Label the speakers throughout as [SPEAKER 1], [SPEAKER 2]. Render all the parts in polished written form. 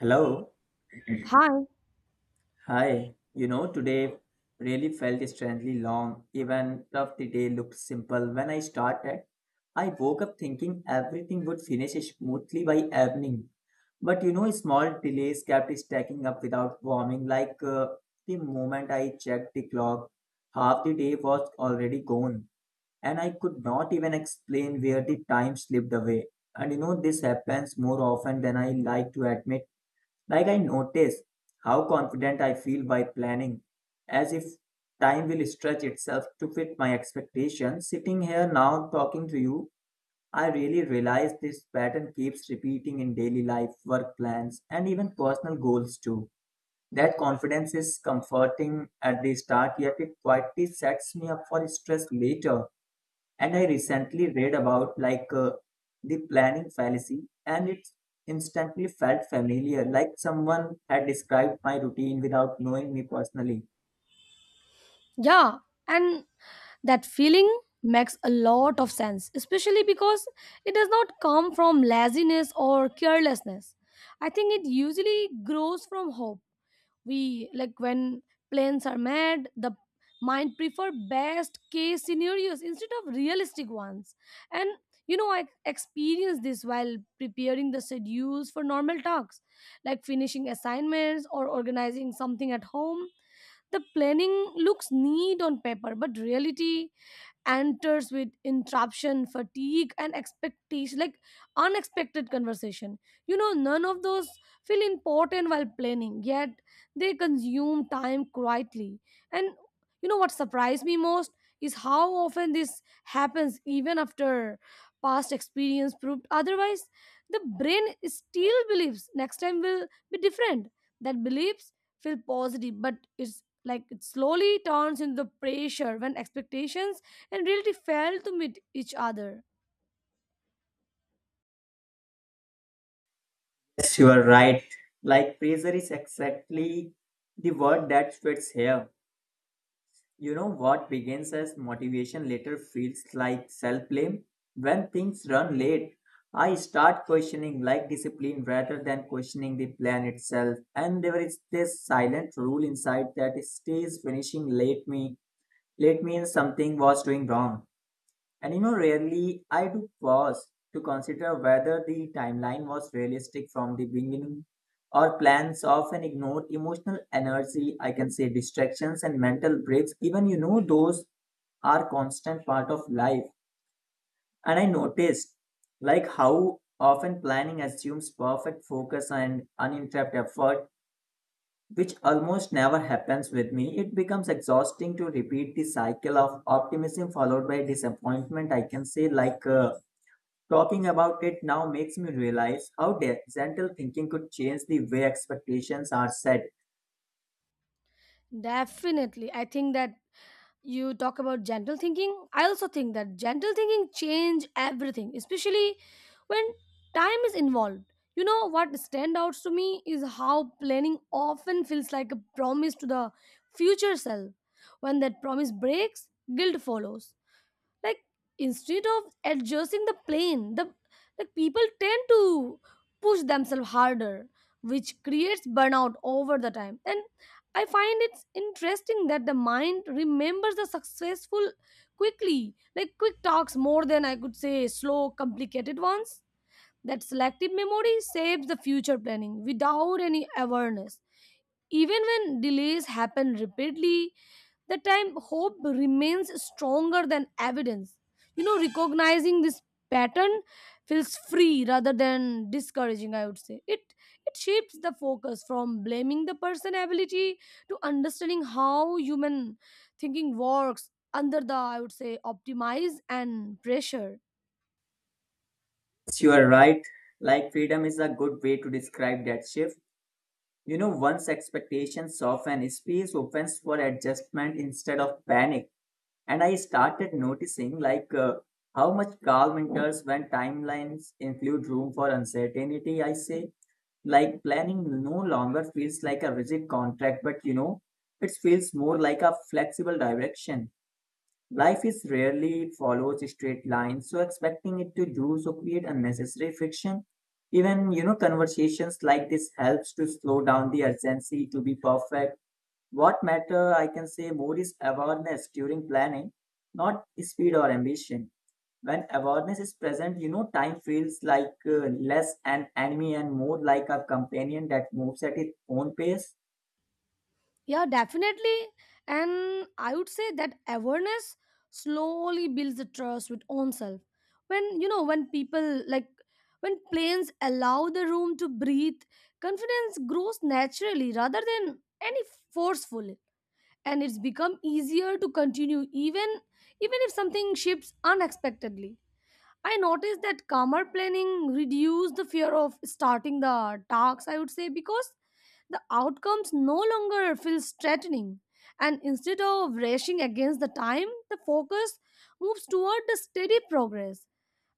[SPEAKER 1] Hello.
[SPEAKER 2] Hi.
[SPEAKER 1] Hi. Today really felt strangely long, even though the day looked simple when I started. I woke up thinking everything would finish smoothly by evening. But small delays kept stacking up without warming. The moment I checked the clock, half the day was already gone, and I could not even explain where the time slipped away. This happens more often than I like to admit. Like I notice how confident I feel by planning, as if time will stretch itself to fit my expectations. Sitting here now talking to you, I really realize this pattern keeps repeating in daily life, work plans, and even personal goals too. That confidence is comforting at the start, yet it quietly sets me up for stress later. And I recently read about the planning fallacy, and it instantly felt familiar, like someone had described my routine without knowing me personally.
[SPEAKER 2] Yeah, and that feeling makes a lot of sense, especially because it does not come from laziness or carelessness. I think it usually grows from hope. We like when plans are made, the mind prefer best case scenarios instead of realistic ones. And I experienced this while preparing the schedules for normal tasks, like finishing assignments or organizing something at home. The planning looks neat on paper, but reality enters with interruption fatigue and expectation like unexpected conversation, none of those feel important while planning, yet they consume time quietly. And what surprised me most is how often this happens even after past experience proved otherwise. The brain still believes next time will be different. That beliefs feel positive, but it's like it slowly turns into pressure when expectations and really fail to meet each other.
[SPEAKER 1] Yes, you are right. Like pressure is exactly the word that fits here. You know what begins as motivation later feels like self blame? When things run late, I start questioning like discipline rather than questioning the plan itself. And there is this silent rule inside that stays finishing late me. Late means something was doing wrong. And rarely I do pause to consider whether the timeline was realistic from the beginning. Our plans often ignore emotional energy, I can say distractions and mental breaks. Even those are constant part of life. And I noticed like how often planning assumes perfect focus and uninterrupted effort, which almost never happens with me. It becomes exhausting to repeat the cycle of optimism followed by disappointment. I can say talking about it now makes me realize how gentle thinking could change the way expectations are set.
[SPEAKER 2] Definitely. I think that you talk about gentle thinking. I also think that gentle thinking change everything, especially when time is involved. What stand out to me is how planning often feels like a promise to the future self. When that promise breaks, guilt follows, like instead of adjusting the plane, the like people tend to push themselves harder, which creates burnout over the time. And I find it's interesting that the mind remembers the successful quickly, like quick talks, more than I could say slow complicated ones. That selective memory saves the future planning without any awareness. Even when delays happen repeatedly, the time hope remains stronger than evidence. Recognizing this pattern feels free rather than discouraging, I would say. It shifts the focus from blaming the person ability to understanding how human thinking works under the I would say optimize and pressure.
[SPEAKER 1] You are right. Like freedom is a good way to describe that shift. Once expectations soften, space opens for adjustment instead of panic. And I started noticing how much calm enters when timelines include room for uncertainty, I say. Like planning no longer feels like a rigid contract, but it feels more like a flexible direction. Life is rarely it follows straight lines, so expecting it to do so create unnecessary friction. Even conversations like this helps to slow down the urgency to be perfect. What matter I can say more is awareness during planning, not speed or ambition. When awareness is present, time feels less an enemy and more like a companion that moves at its own pace.
[SPEAKER 2] Yeah, definitely. And I would say that awareness slowly builds the trust with own self. When people like when planes allow the room to breathe, confidence grows naturally rather than any forcefully. And it's become easier to continue even if something shifts unexpectedly. I noticed that calmer planning reduced the fear of starting the talks, I would say, because the outcomes no longer feel threatening. And instead of racing against the time, the focus moves toward the steady progress.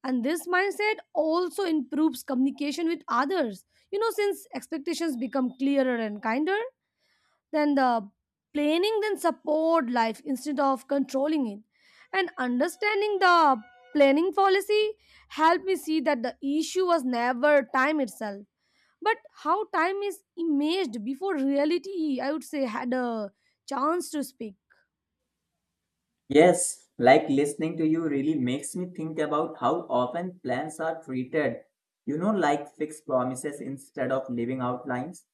[SPEAKER 2] And this mindset also improves communication with others, since expectations become clearer and kinder. Then the Planning then support life instead of controlling it. And understanding the planning policy helped me see that the issue was never time itself, but how time is imaged before reality, I would say, had a chance to speak.
[SPEAKER 1] Yes, like listening to you really makes me think about how often plans are treated, like fixed promises instead of living outlines.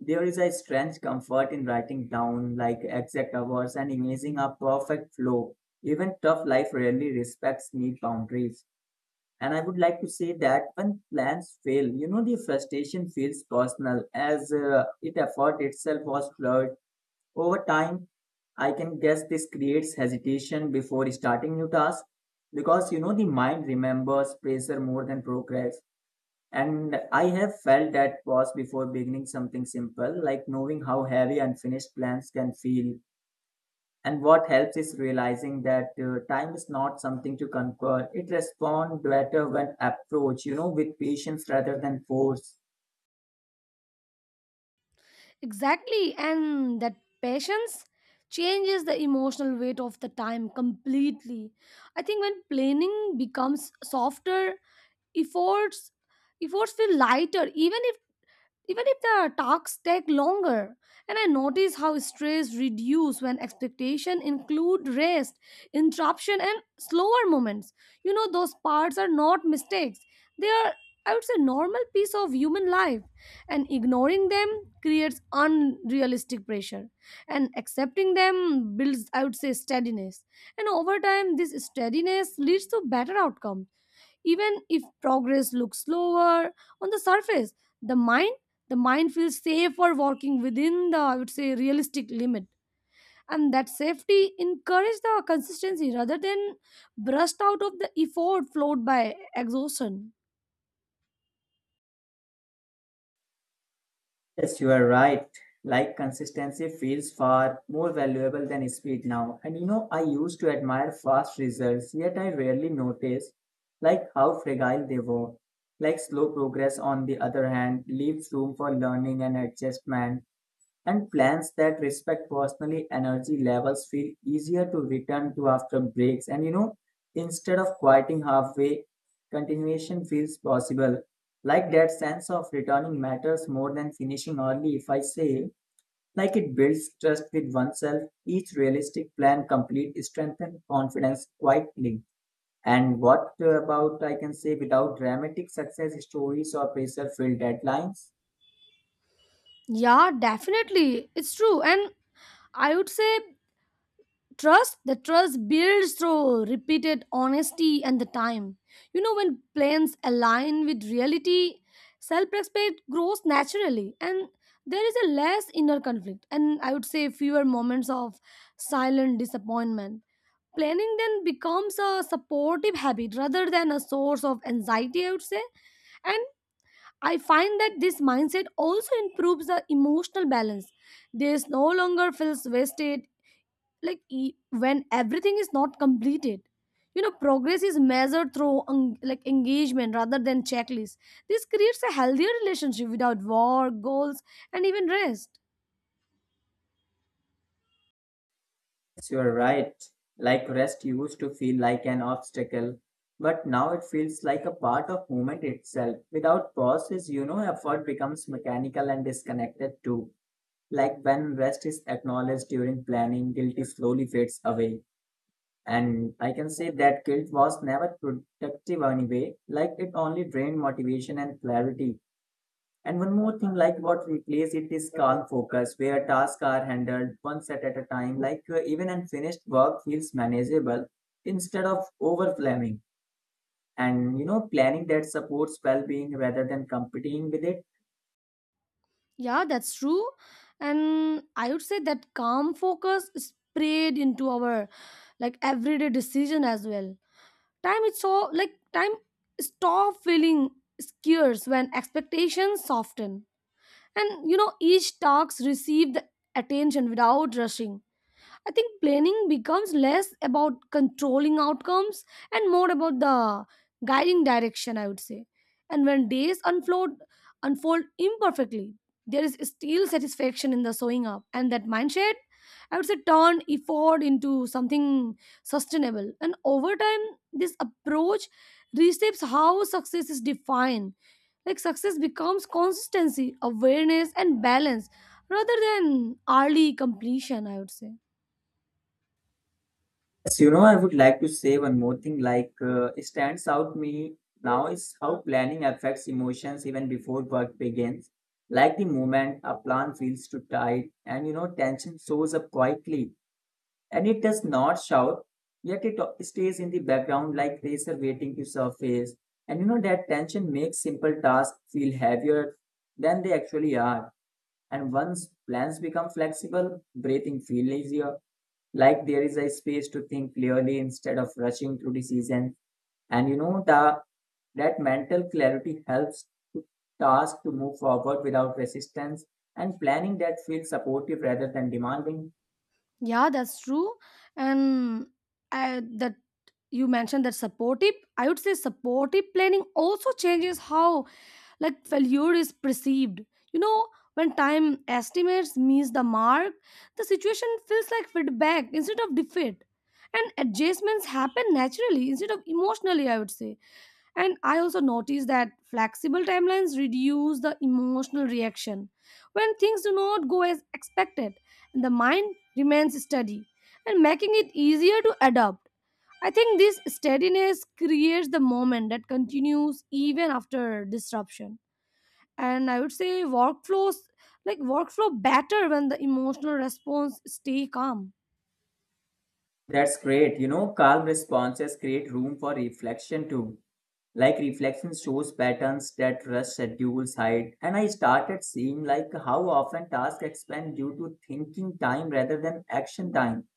[SPEAKER 1] There is a strange comfort in writing down like exact hours and imagining a perfect flow. Even tough life rarely respects neat boundaries. And I would like to say that when plans fail, the frustration feels personal as it effort itself was flawed over time. I can guess this creates hesitation before starting new tasks because the mind remembers pressure more than progress. And I have felt that pause before beginning something simple, like knowing how heavy unfinished plans can feel. And what helps is realizing that time is not something to conquer. It responds better when approached, with patience rather than force.
[SPEAKER 2] Exactly, and that patience changes the emotional weight of the time completely. I think when planning becomes softer, efforts efforts feel lighter even if the talks take longer. And I notice how stress reduce when expectation include rest, interruption, and slower moments. Those parts are not mistakes. They are, I would say, normal piece of human life. And ignoring them creates unrealistic pressure. And accepting them builds, I would say, steadiness. And over time, this steadiness leads to better outcome even if progress looks slower on the surface. The mind the mind feels safe for working within the I would say realistic limit. And that safety encourages the consistency rather than burst out of the effort flowed by exhaustion.
[SPEAKER 1] Yes, you are right. Like consistency feels far more valuable than speed now. And I used to admire fast results, yet I rarely noticed like how fragile they were. Like slow progress, on the other hand, leaves room for learning and adjustment, and plans that respect personally energy levels feel easier to return to after breaks. And instead of quieting halfway, continuation feels possible. Like that sense of returning matters more than finishing early, if I say. Like it builds trust with oneself. Each realistic plan complete strengthen confidence quietly. And what about, I can say, without dramatic success stories or pressure filled deadlines.
[SPEAKER 2] Yeah, definitely, it's true. And I would say trust the trust builds through repeated honesty and the time. When plans align with reality, self-respect grows naturally. And there is a less inner conflict and I would say fewer moments of silent disappointment. Planning then becomes a supportive habit rather than a source of anxiety, I would say. And. I find that this mindset also improves the emotional balance. This no longer feels wasted, like when everything is not completed. Progress is measured through like engagement rather than checklists. This creates a healthier relationship without war, goals, and even rest.
[SPEAKER 1] Yes, you are right. Like rest used to feel like an obstacle, but now it feels like a part of movement itself. Without pauses, effort becomes mechanical and disconnected too. Like when rest is acknowledged during planning, guilt slowly fades away. And I can say that guilt was never productive anyway, like it only drained motivation and clarity. And one more thing, like what replaces it is calm focus, where tasks are handled one set at a time. Even unfinished work feels manageable instead of overwhelming. And planning that supports well-being rather than competing with it.
[SPEAKER 2] Yeah, that's true. And I would say that calm focus is spread into our like everyday decision as well. Time is so like time stop feeling scarce when expectations soften. And each task receive the attention without rushing. I think planning becomes less about controlling outcomes and more about the guiding direction, I would say. And when days unfold imperfectly, there is still satisfaction in the showing up. And that mindset, I would say, turn effort into something sustainable. And over time, this approach reshapes how success is defined. Like success becomes consistency, awareness, and balance rather than early completion, I would say.
[SPEAKER 1] Yes, I would like to say one more thing. It stands out me now is how planning affects emotions even before work begins. Like the moment a plan feels too tight, and tension shows up quietly and it does not shout, yet it stays in the background like pressure waiting to surface. And you know that tension makes simple tasks feel heavier than they actually are. And once plans become flexible, breathing feels easier, like there is a space to think clearly instead of rushing through decisions. And the that mental clarity helps to task to move forward without resistance and planning that feels supportive rather than demanding.
[SPEAKER 2] Yeah, that's true. And that you mentioned that supportive, I would say supportive planning also changes how like failure is perceived. you know when time estimates miss the mark, the situation feels like feedback instead of defeat, and adjustments happen naturally instead of emotionally, I would say. And I also noticed that flexible timelines reduce the emotional reaction when things do not go as expected, and the mind remains steady, and making it easier to adapt. I think this steadiness creates the moment that continues even after disruption. And I would say workflow better when the emotional response stay calm.
[SPEAKER 1] That's great. Calm responses create room for reflection too. Like reflection shows patterns that rush schedules hide. And I started seeing like how often tasks expand due to thinking time rather than action time.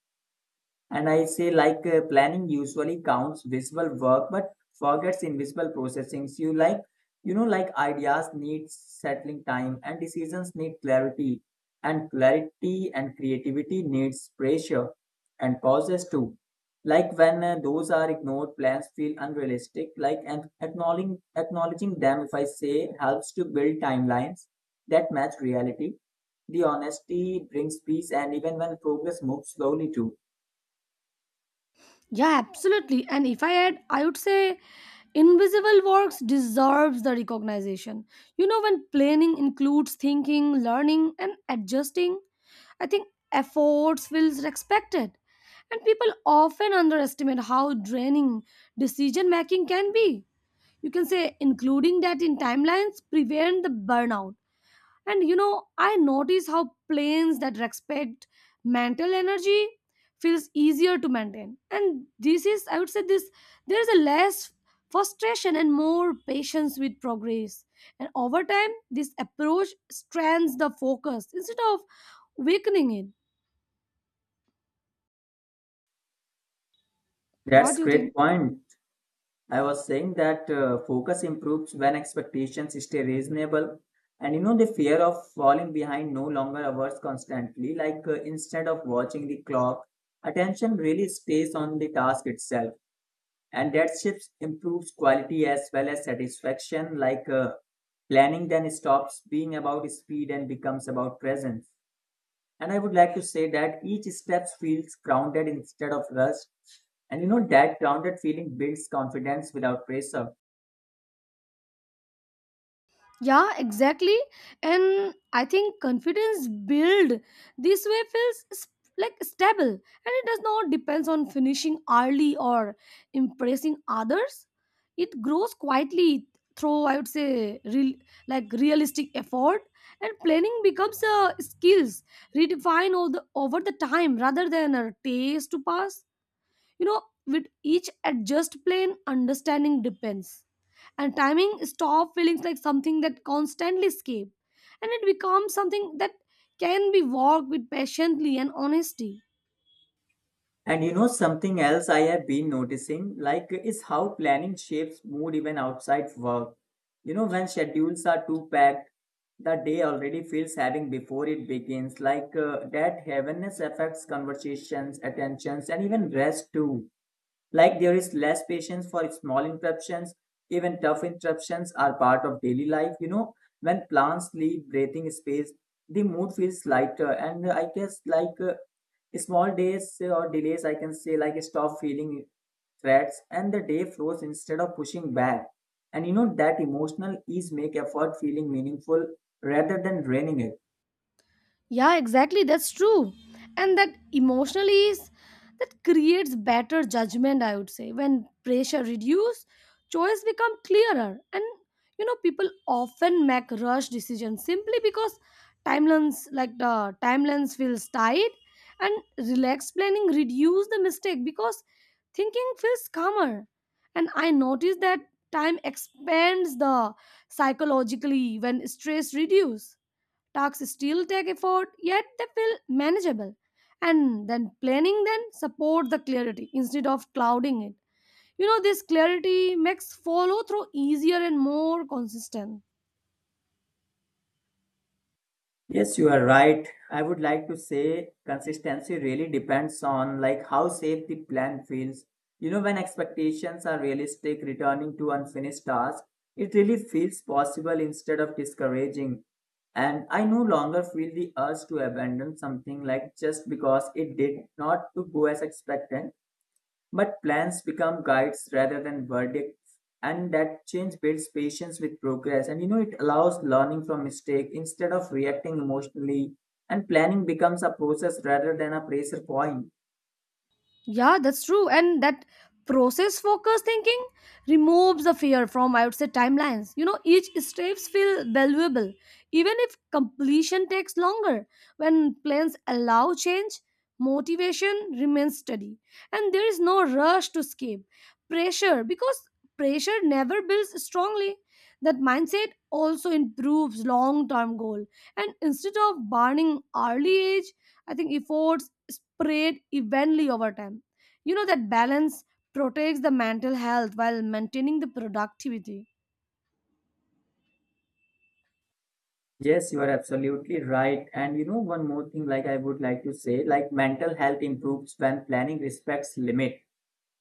[SPEAKER 1] And I say, planning usually counts visual work, but forgets invisible processing. So you like, you know, like ideas need settling time, and decisions need clarity, and clarity and creativity needs pressure and pauses too. Like when those are ignored, plans feel unrealistic. Like and acknowledging them, if I say, helps to build timelines that match reality. The honesty brings peace, and even when progress moves slowly too.
[SPEAKER 2] Yeah, absolutely. And if I add, I would say invisible works deserves the recognition. When planning includes thinking, learning, and adjusting, I think efforts feels respected. And people often underestimate how draining decision making can be. You can say including that in timelines prevent the burnout. And I notice how planes that respect mental energy feels easier to maintain. And this is, I would say, this there is a less frustration and more patience with progress. And over time, this approach strands the focus instead of weakening it. What
[SPEAKER 1] That's
[SPEAKER 2] do you
[SPEAKER 1] great
[SPEAKER 2] think?
[SPEAKER 1] point. I was saying that focus improves when expectations stay reasonable, and the fear of falling behind no longer averts constantly. Instead of watching the clock, attention really stays on the task itself, and that shift improves quality as well as satisfaction. Planning then stops being about speed and becomes about presence. And I would like to say that each step feels grounded instead of rushed. And that grounded feeling builds confidence without pressure.
[SPEAKER 2] Yeah, exactly. And I think confidence build this way feels like stable, and it does not depends on finishing early or impressing others. It grows quietly through I would say realistic effort. And planning becomes a skills redefine all the, over the time rather than a taste to pass. you know with each adjust plan understanding depends, and timing stop feelings like something that constantly escape, and it becomes something that can be worked with patiently and honesty.
[SPEAKER 1] And something else I have been noticing, like, is how planning shapes mood even outside work. When schedules are too packed, the day already feels having before it begins. That heaviness affects conversations, attentions, and even rest too. Like there is less patience for small interruptions, even tough interruptions are part of daily life. When plants leave breathing space, the mood feels lighter, and I guess small days or delays, I can say like stop feeling threats, and the day flows instead of pushing back. And you know that emotional ease make effort feeling meaningful rather than draining it.
[SPEAKER 2] Yeah, exactly. That's true. And that emotionally, ease that creates better judgment, I would say. When pressure reduce, choice become clearer. And people often make rush decisions simply because timelines like the timelines feels tight, and relaxed planning reduce the mistake because thinking feels calmer. And I noticed that time expands the psychologically when stress reduce. Tasks still take effort, yet they feel manageable. And then planning then support the clarity instead of clouding it. This clarity makes follow through easier and more consistent.
[SPEAKER 1] Yes, you are right. I would like to say consistency really depends on like how safe the plan feels. When expectations are realistic, returning to unfinished tasks, it really feels possible instead of discouraging. And I no longer feel the urge to abandon something like just because it did not to go as expected. But plans become guides rather than verdicts, and that change builds patience with progress. And it allows learning from mistake instead of reacting emotionally. And planning becomes a process rather than a pressure point.
[SPEAKER 2] Yeah, that's true. And that process focused thinking removes the fear from, I would say, timelines. Each steps feel valuable, even if completion takes longer. When plans allow change, motivation remains steady, and there is no rush to escape pressure because pressure never builds strongly. That mindset also improves long-term goal, and instead of burning early age, I think efforts spread evenly over time. That balance protects the mental health while maintaining the productivity.
[SPEAKER 1] Yes, you are absolutely right. And one more thing, like I would like to say, like mental health improves when planning respects limit.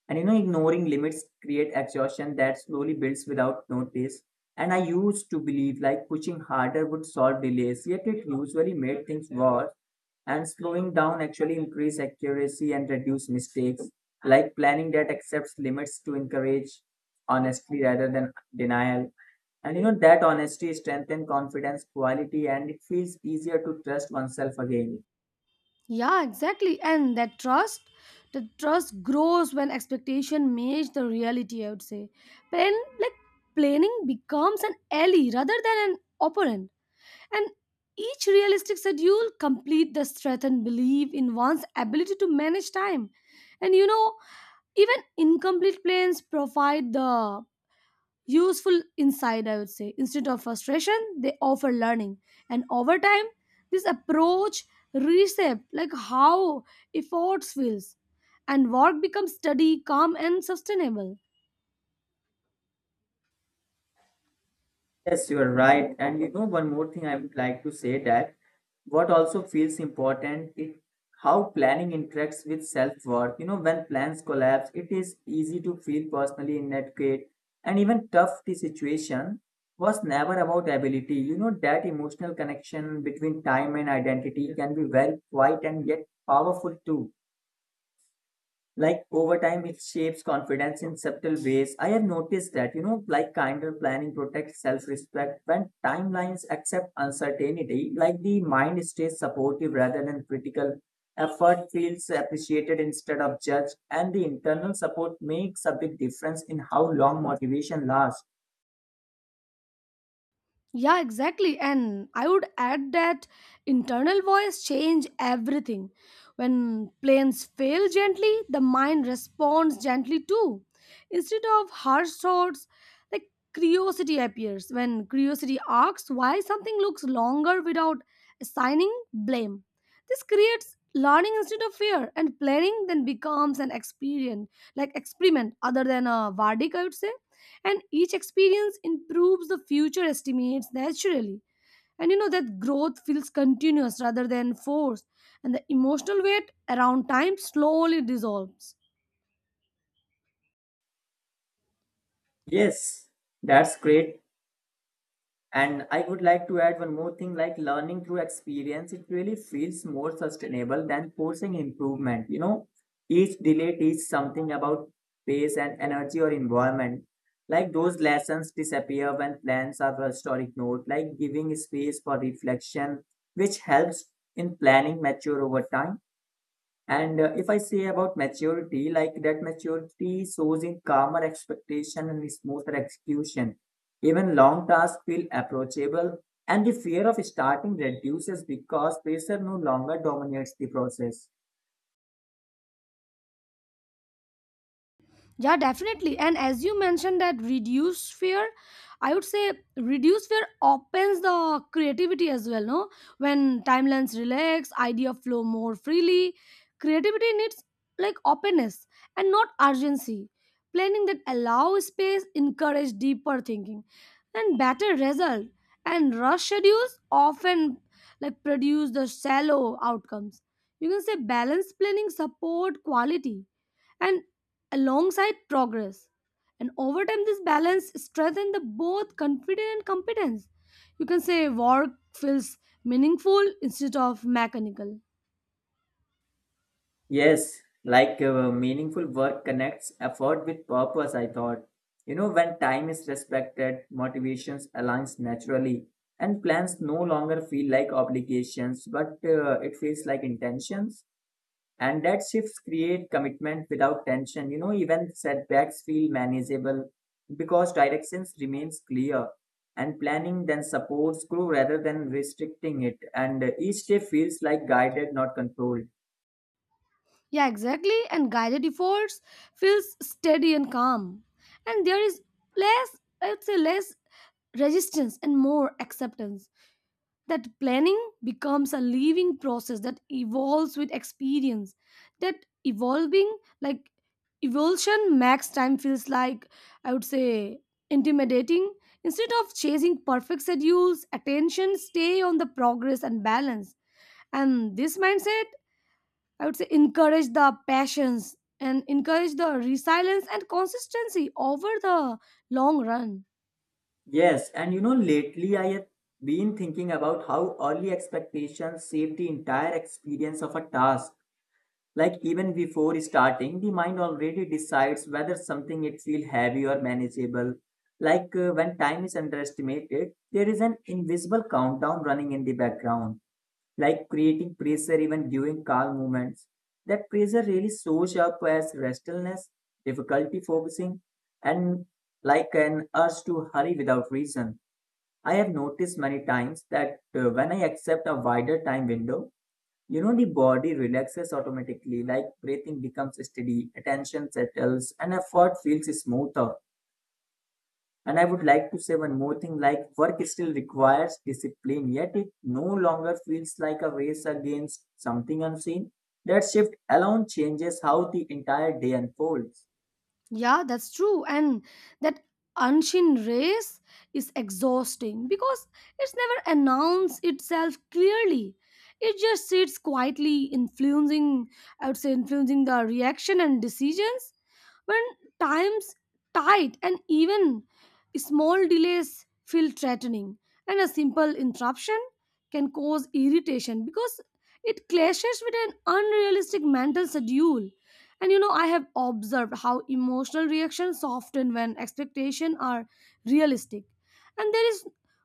[SPEAKER 1] And ignoring limits create exhaustion that slowly builds without notice. And I used to believe like pushing harder would solve delays, yet it usually made things worse. And slowing down actually increase accuracy and reduce mistakes. Like planning that accepts limits to encourage honesty rather than denial. And you know that honesty strengthens confidence, quality, and it feels easier to trust oneself again.
[SPEAKER 2] Yeah, exactly. And that trust, the trust grows when expectation meets the reality, I would say. Plan like planning becomes an ally rather than an opponent. And each realistic schedule complete the strengthened belief in one's ability to manage time. And even incomplete plans provide the useful inside, I would say. Instead of frustration, they offer learning. And over time, this approach reshapes like how efforts feels and work becomes steady, calm and sustainable.
[SPEAKER 1] Yes, you are right. And one more thing I would like to say that what also feels important is how planning interacts with self-worth. When plans collapse, it is easy to feel personally inadequate and even tough. The situation was never about ability. You know, that emotional connection between time and identity can be very quiet and yet powerful too, like over time it shapes confidence in subtle ways. I have noticed that, you know, like kinder planning protects self-respect when timelines accept uncertainty. Like the mind stays supportive rather than critical, effort feels appreciated instead of judged, and the internal support makes a big difference in how long motivation lasts.
[SPEAKER 2] Yeah, exactly. And I would add that internal voice change everything. When planes fail gently, the mind responds gently too. Instead of harsh thoughts, like curiosity appears. When curiosity asks why something looks longer without assigning blame. This creates learning instead of fear, and planning then becomes an experience like experiment other than a verdict, I would say. And each experience improves the future estimates naturally. And that growth feels continuous rather than forced, and the emotional weight around time slowly dissolves.
[SPEAKER 1] Yes, that's great. And I would like to add one more thing, like learning through experience, it really feels more sustainable than forcing improvement. You know, each delay teaches something about pace and energy or environment. Like those lessons disappear when plans are rushed or ignored, like giving space for reflection, which helps in planning mature over time. And if I say about maturity, like that maturity shows in calmer expectation and smoother execution. Even long tasks feel approachable, and the fear of starting reduces because pressure no longer dominates the process.
[SPEAKER 2] Yeah, definitely. And as you mentioned that reduce fear, I would say reduce fear opens the creativity as well, no? When timelines relax, idea flow more freely. Creativity needs like openness and not urgency. Planning that allows space encourage deeper thinking and better result. And rush schedules often like produce the shallow outcomes. You can say balanced planning support quality and alongside progress. And over time, this balance strengthens the both confidence and competence. You can say work feels meaningful instead of mechanical.
[SPEAKER 1] Yes, like meaningful work connects effort with purpose, I thought. You know, when time is respected, motivations aligns naturally, and plans no longer feel like obligations, but it feels like intentions. And that shifts create commitment without tension. You know, even setbacks feel manageable because directions remains clear, and planning then supports grow rather than restricting it. And each day feels like guided, not controlled.
[SPEAKER 2] Yeah, exactly. And guided efforts feels steady and calm. And there is less, I would say, less resistance and more acceptance. That planning becomes a living process that evolves with experience. That evolving like evolution max time feels like, I would say, intimidating. Instead of chasing perfect schedules, attention stay on the progress and balance. And this mindset, I would say, encourage the passions and encourage the resilience and consistency over the long run.
[SPEAKER 1] Yes, and you know, lately I have been thinking about how early expectations shape the entire experience of a task. Like even before starting, the mind already decides whether something it feel heavy or manageable. Like when time is underestimated, there is an invisible countdown running in the background, like creating pressure even during calm moments. That pressure really shows up as restlessness, difficulty focusing, and like an urge to hurry without reason. I have noticed many times that when I accept a wider time window, you know, the body relaxes automatically, like breathing becomes steady, attention settles, and effort feels smoother. And I would like to say one more thing, like work still requires discipline, yet it no longer feels like a race against something unseen. That shift alone changes how the entire day unfolds.
[SPEAKER 2] Yeah, that's true. And that Anshin race is exhausting because it's never announced itself clearly. It just sits quietly influencing, I would say, influencing the reaction and decisions when times tight and even small delays feel threatening. And a simple interruption can cause irritation because it clashes with an unrealistic mental schedule. And I have observed how emotional reactions soften when expectations are realistic. And there is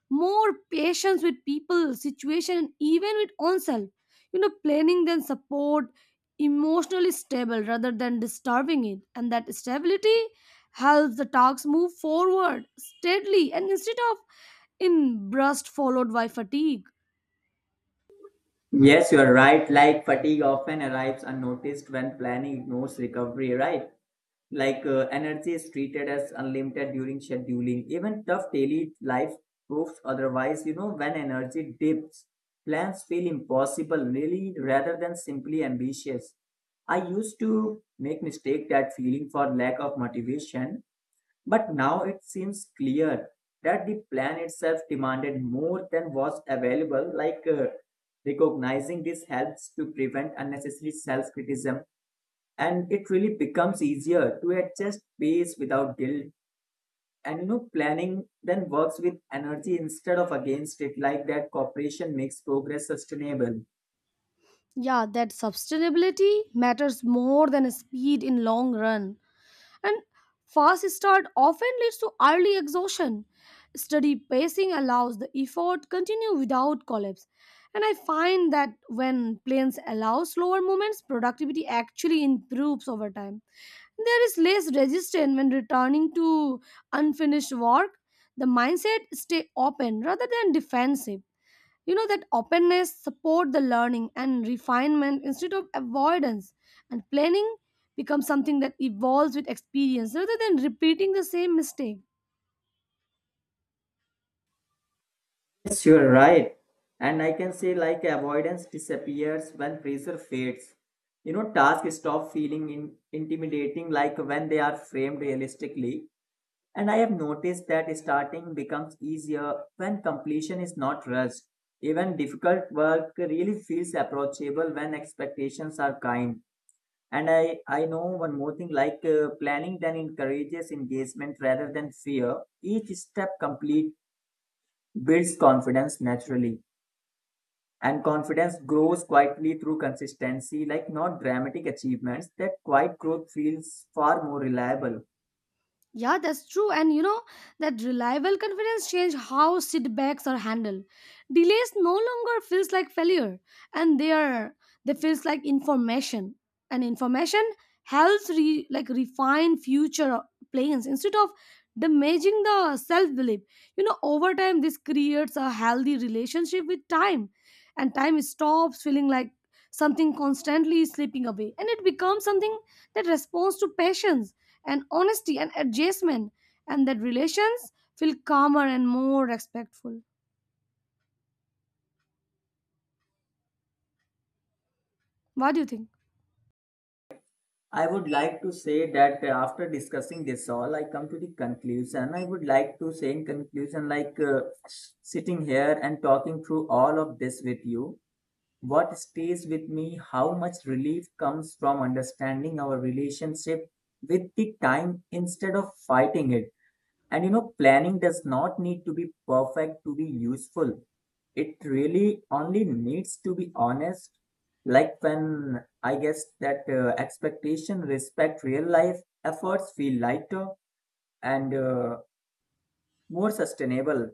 [SPEAKER 2] more patience with people, situation, and even with oneself. Planning then support emotionally stable rather than disturbing it. And that stability helps the talks move forward steadily and instead of in burst followed by fatigue.
[SPEAKER 1] Yes, you're right. Like fatigue often arrives unnoticed when planning ignores recovery, right? Like energy is treated as unlimited during scheduling, even tough daily life proves otherwise. You know, when energy dips, plans feel impossible really rather than simply ambitious. I used to make mistake that feeling for lack of motivation, but now it seems clear that the plan itself demanded more than was available. Like recognizing this helps to prevent unnecessary self criticism, and it really becomes easier to adjust pace without guilt. And you know, planning then works with energy instead of against it, like that cooperation makes progress sustainable.
[SPEAKER 2] Yeah, that sustainability matters more than speed in long run. And fast start often leads to early exhaustion. Steady pacing allows the effort continue without collapse. And I find that when planes allow slower movements, productivity actually improves over time. There is less resistance when returning to unfinished work. The mindset stay open rather than defensive. That openness support the learning and refinement instead of avoidance, and planning becomes something that evolves with experience rather than repeating the same mistake.
[SPEAKER 1] Yes, you're right. And I can say, like avoidance disappears when pressure fades. You know, tasks stop feeling intimidating, like when they are framed realistically. And I have noticed that starting becomes easier when completion is not rushed. Even difficult work really feels approachable when expectations are kind. And I know one more thing, like planning then encourages engagement rather than fear. Each step complete builds confidence naturally. And confidence grows quietly through consistency, like not dramatic achievements. That quiet growth feels far more reliable.
[SPEAKER 2] Yeah, that's true. And that reliable confidence change how setbacks are handled. Delays no longer feels like failure, and they feels like information. And information helps like refine future plans instead of damaging the self belief. Over time this creates a healthy relationship with time, and time stops feeling like something constantly slipping away, and it becomes something that responds to passions and honesty and adjustment. And that relations feel calmer and more respectful. What do you think?
[SPEAKER 1] I would like to say that after discussing this all, I come to the conclusion. I would like to say in conclusion, like sitting here and talking through all of this with you. What stays with me, how much relief comes from understanding our relationship with the time instead of fighting it. And you know, planning does not need to be perfect to be useful. It really only needs to be honest. Like when I guess that expectation, respect, real life efforts feel lighter and more sustainable.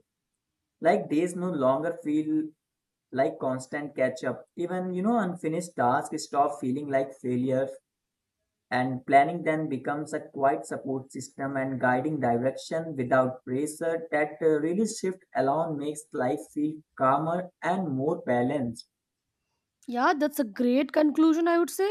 [SPEAKER 1] Like days no longer feel like constant catch up. Even, you know, unfinished tasks stop feeling like failure. And planning then becomes a quiet support system and guiding direction without pressure, that really shift alone makes life feel calmer and more balanced.
[SPEAKER 2] Yeah, that's a great conclusion, I would say.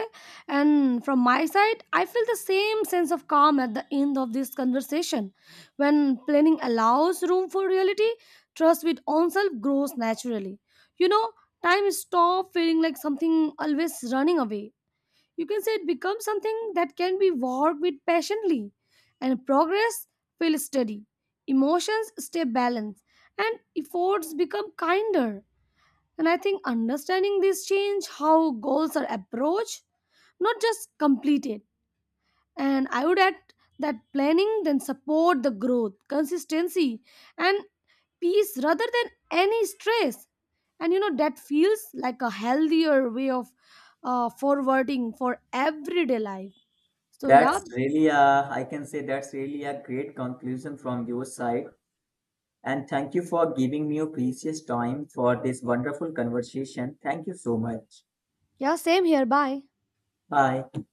[SPEAKER 2] And from my side I feel the same sense of calm at the end of this conversation. When planning allows room for reality, trust with oneself grows naturally. you know time stop feeling like something always running away. You can say it becomes something that can be worked with patiently, and progress feels steady, emotions stay balanced, and efforts become kinder. And I think understanding this change how goals are approached, not just completed. And I would add that planning then support the growth consistency and peace rather than any stress. And that feels like a healthier way of forwarding for everyday life. So
[SPEAKER 1] That's
[SPEAKER 2] yeah,
[SPEAKER 1] really a, I can say that's really a great conclusion from your side. And thank you for giving me your precious time for this wonderful conversation. Thank you so much.
[SPEAKER 2] yeah, same here, bye.
[SPEAKER 1] Bye.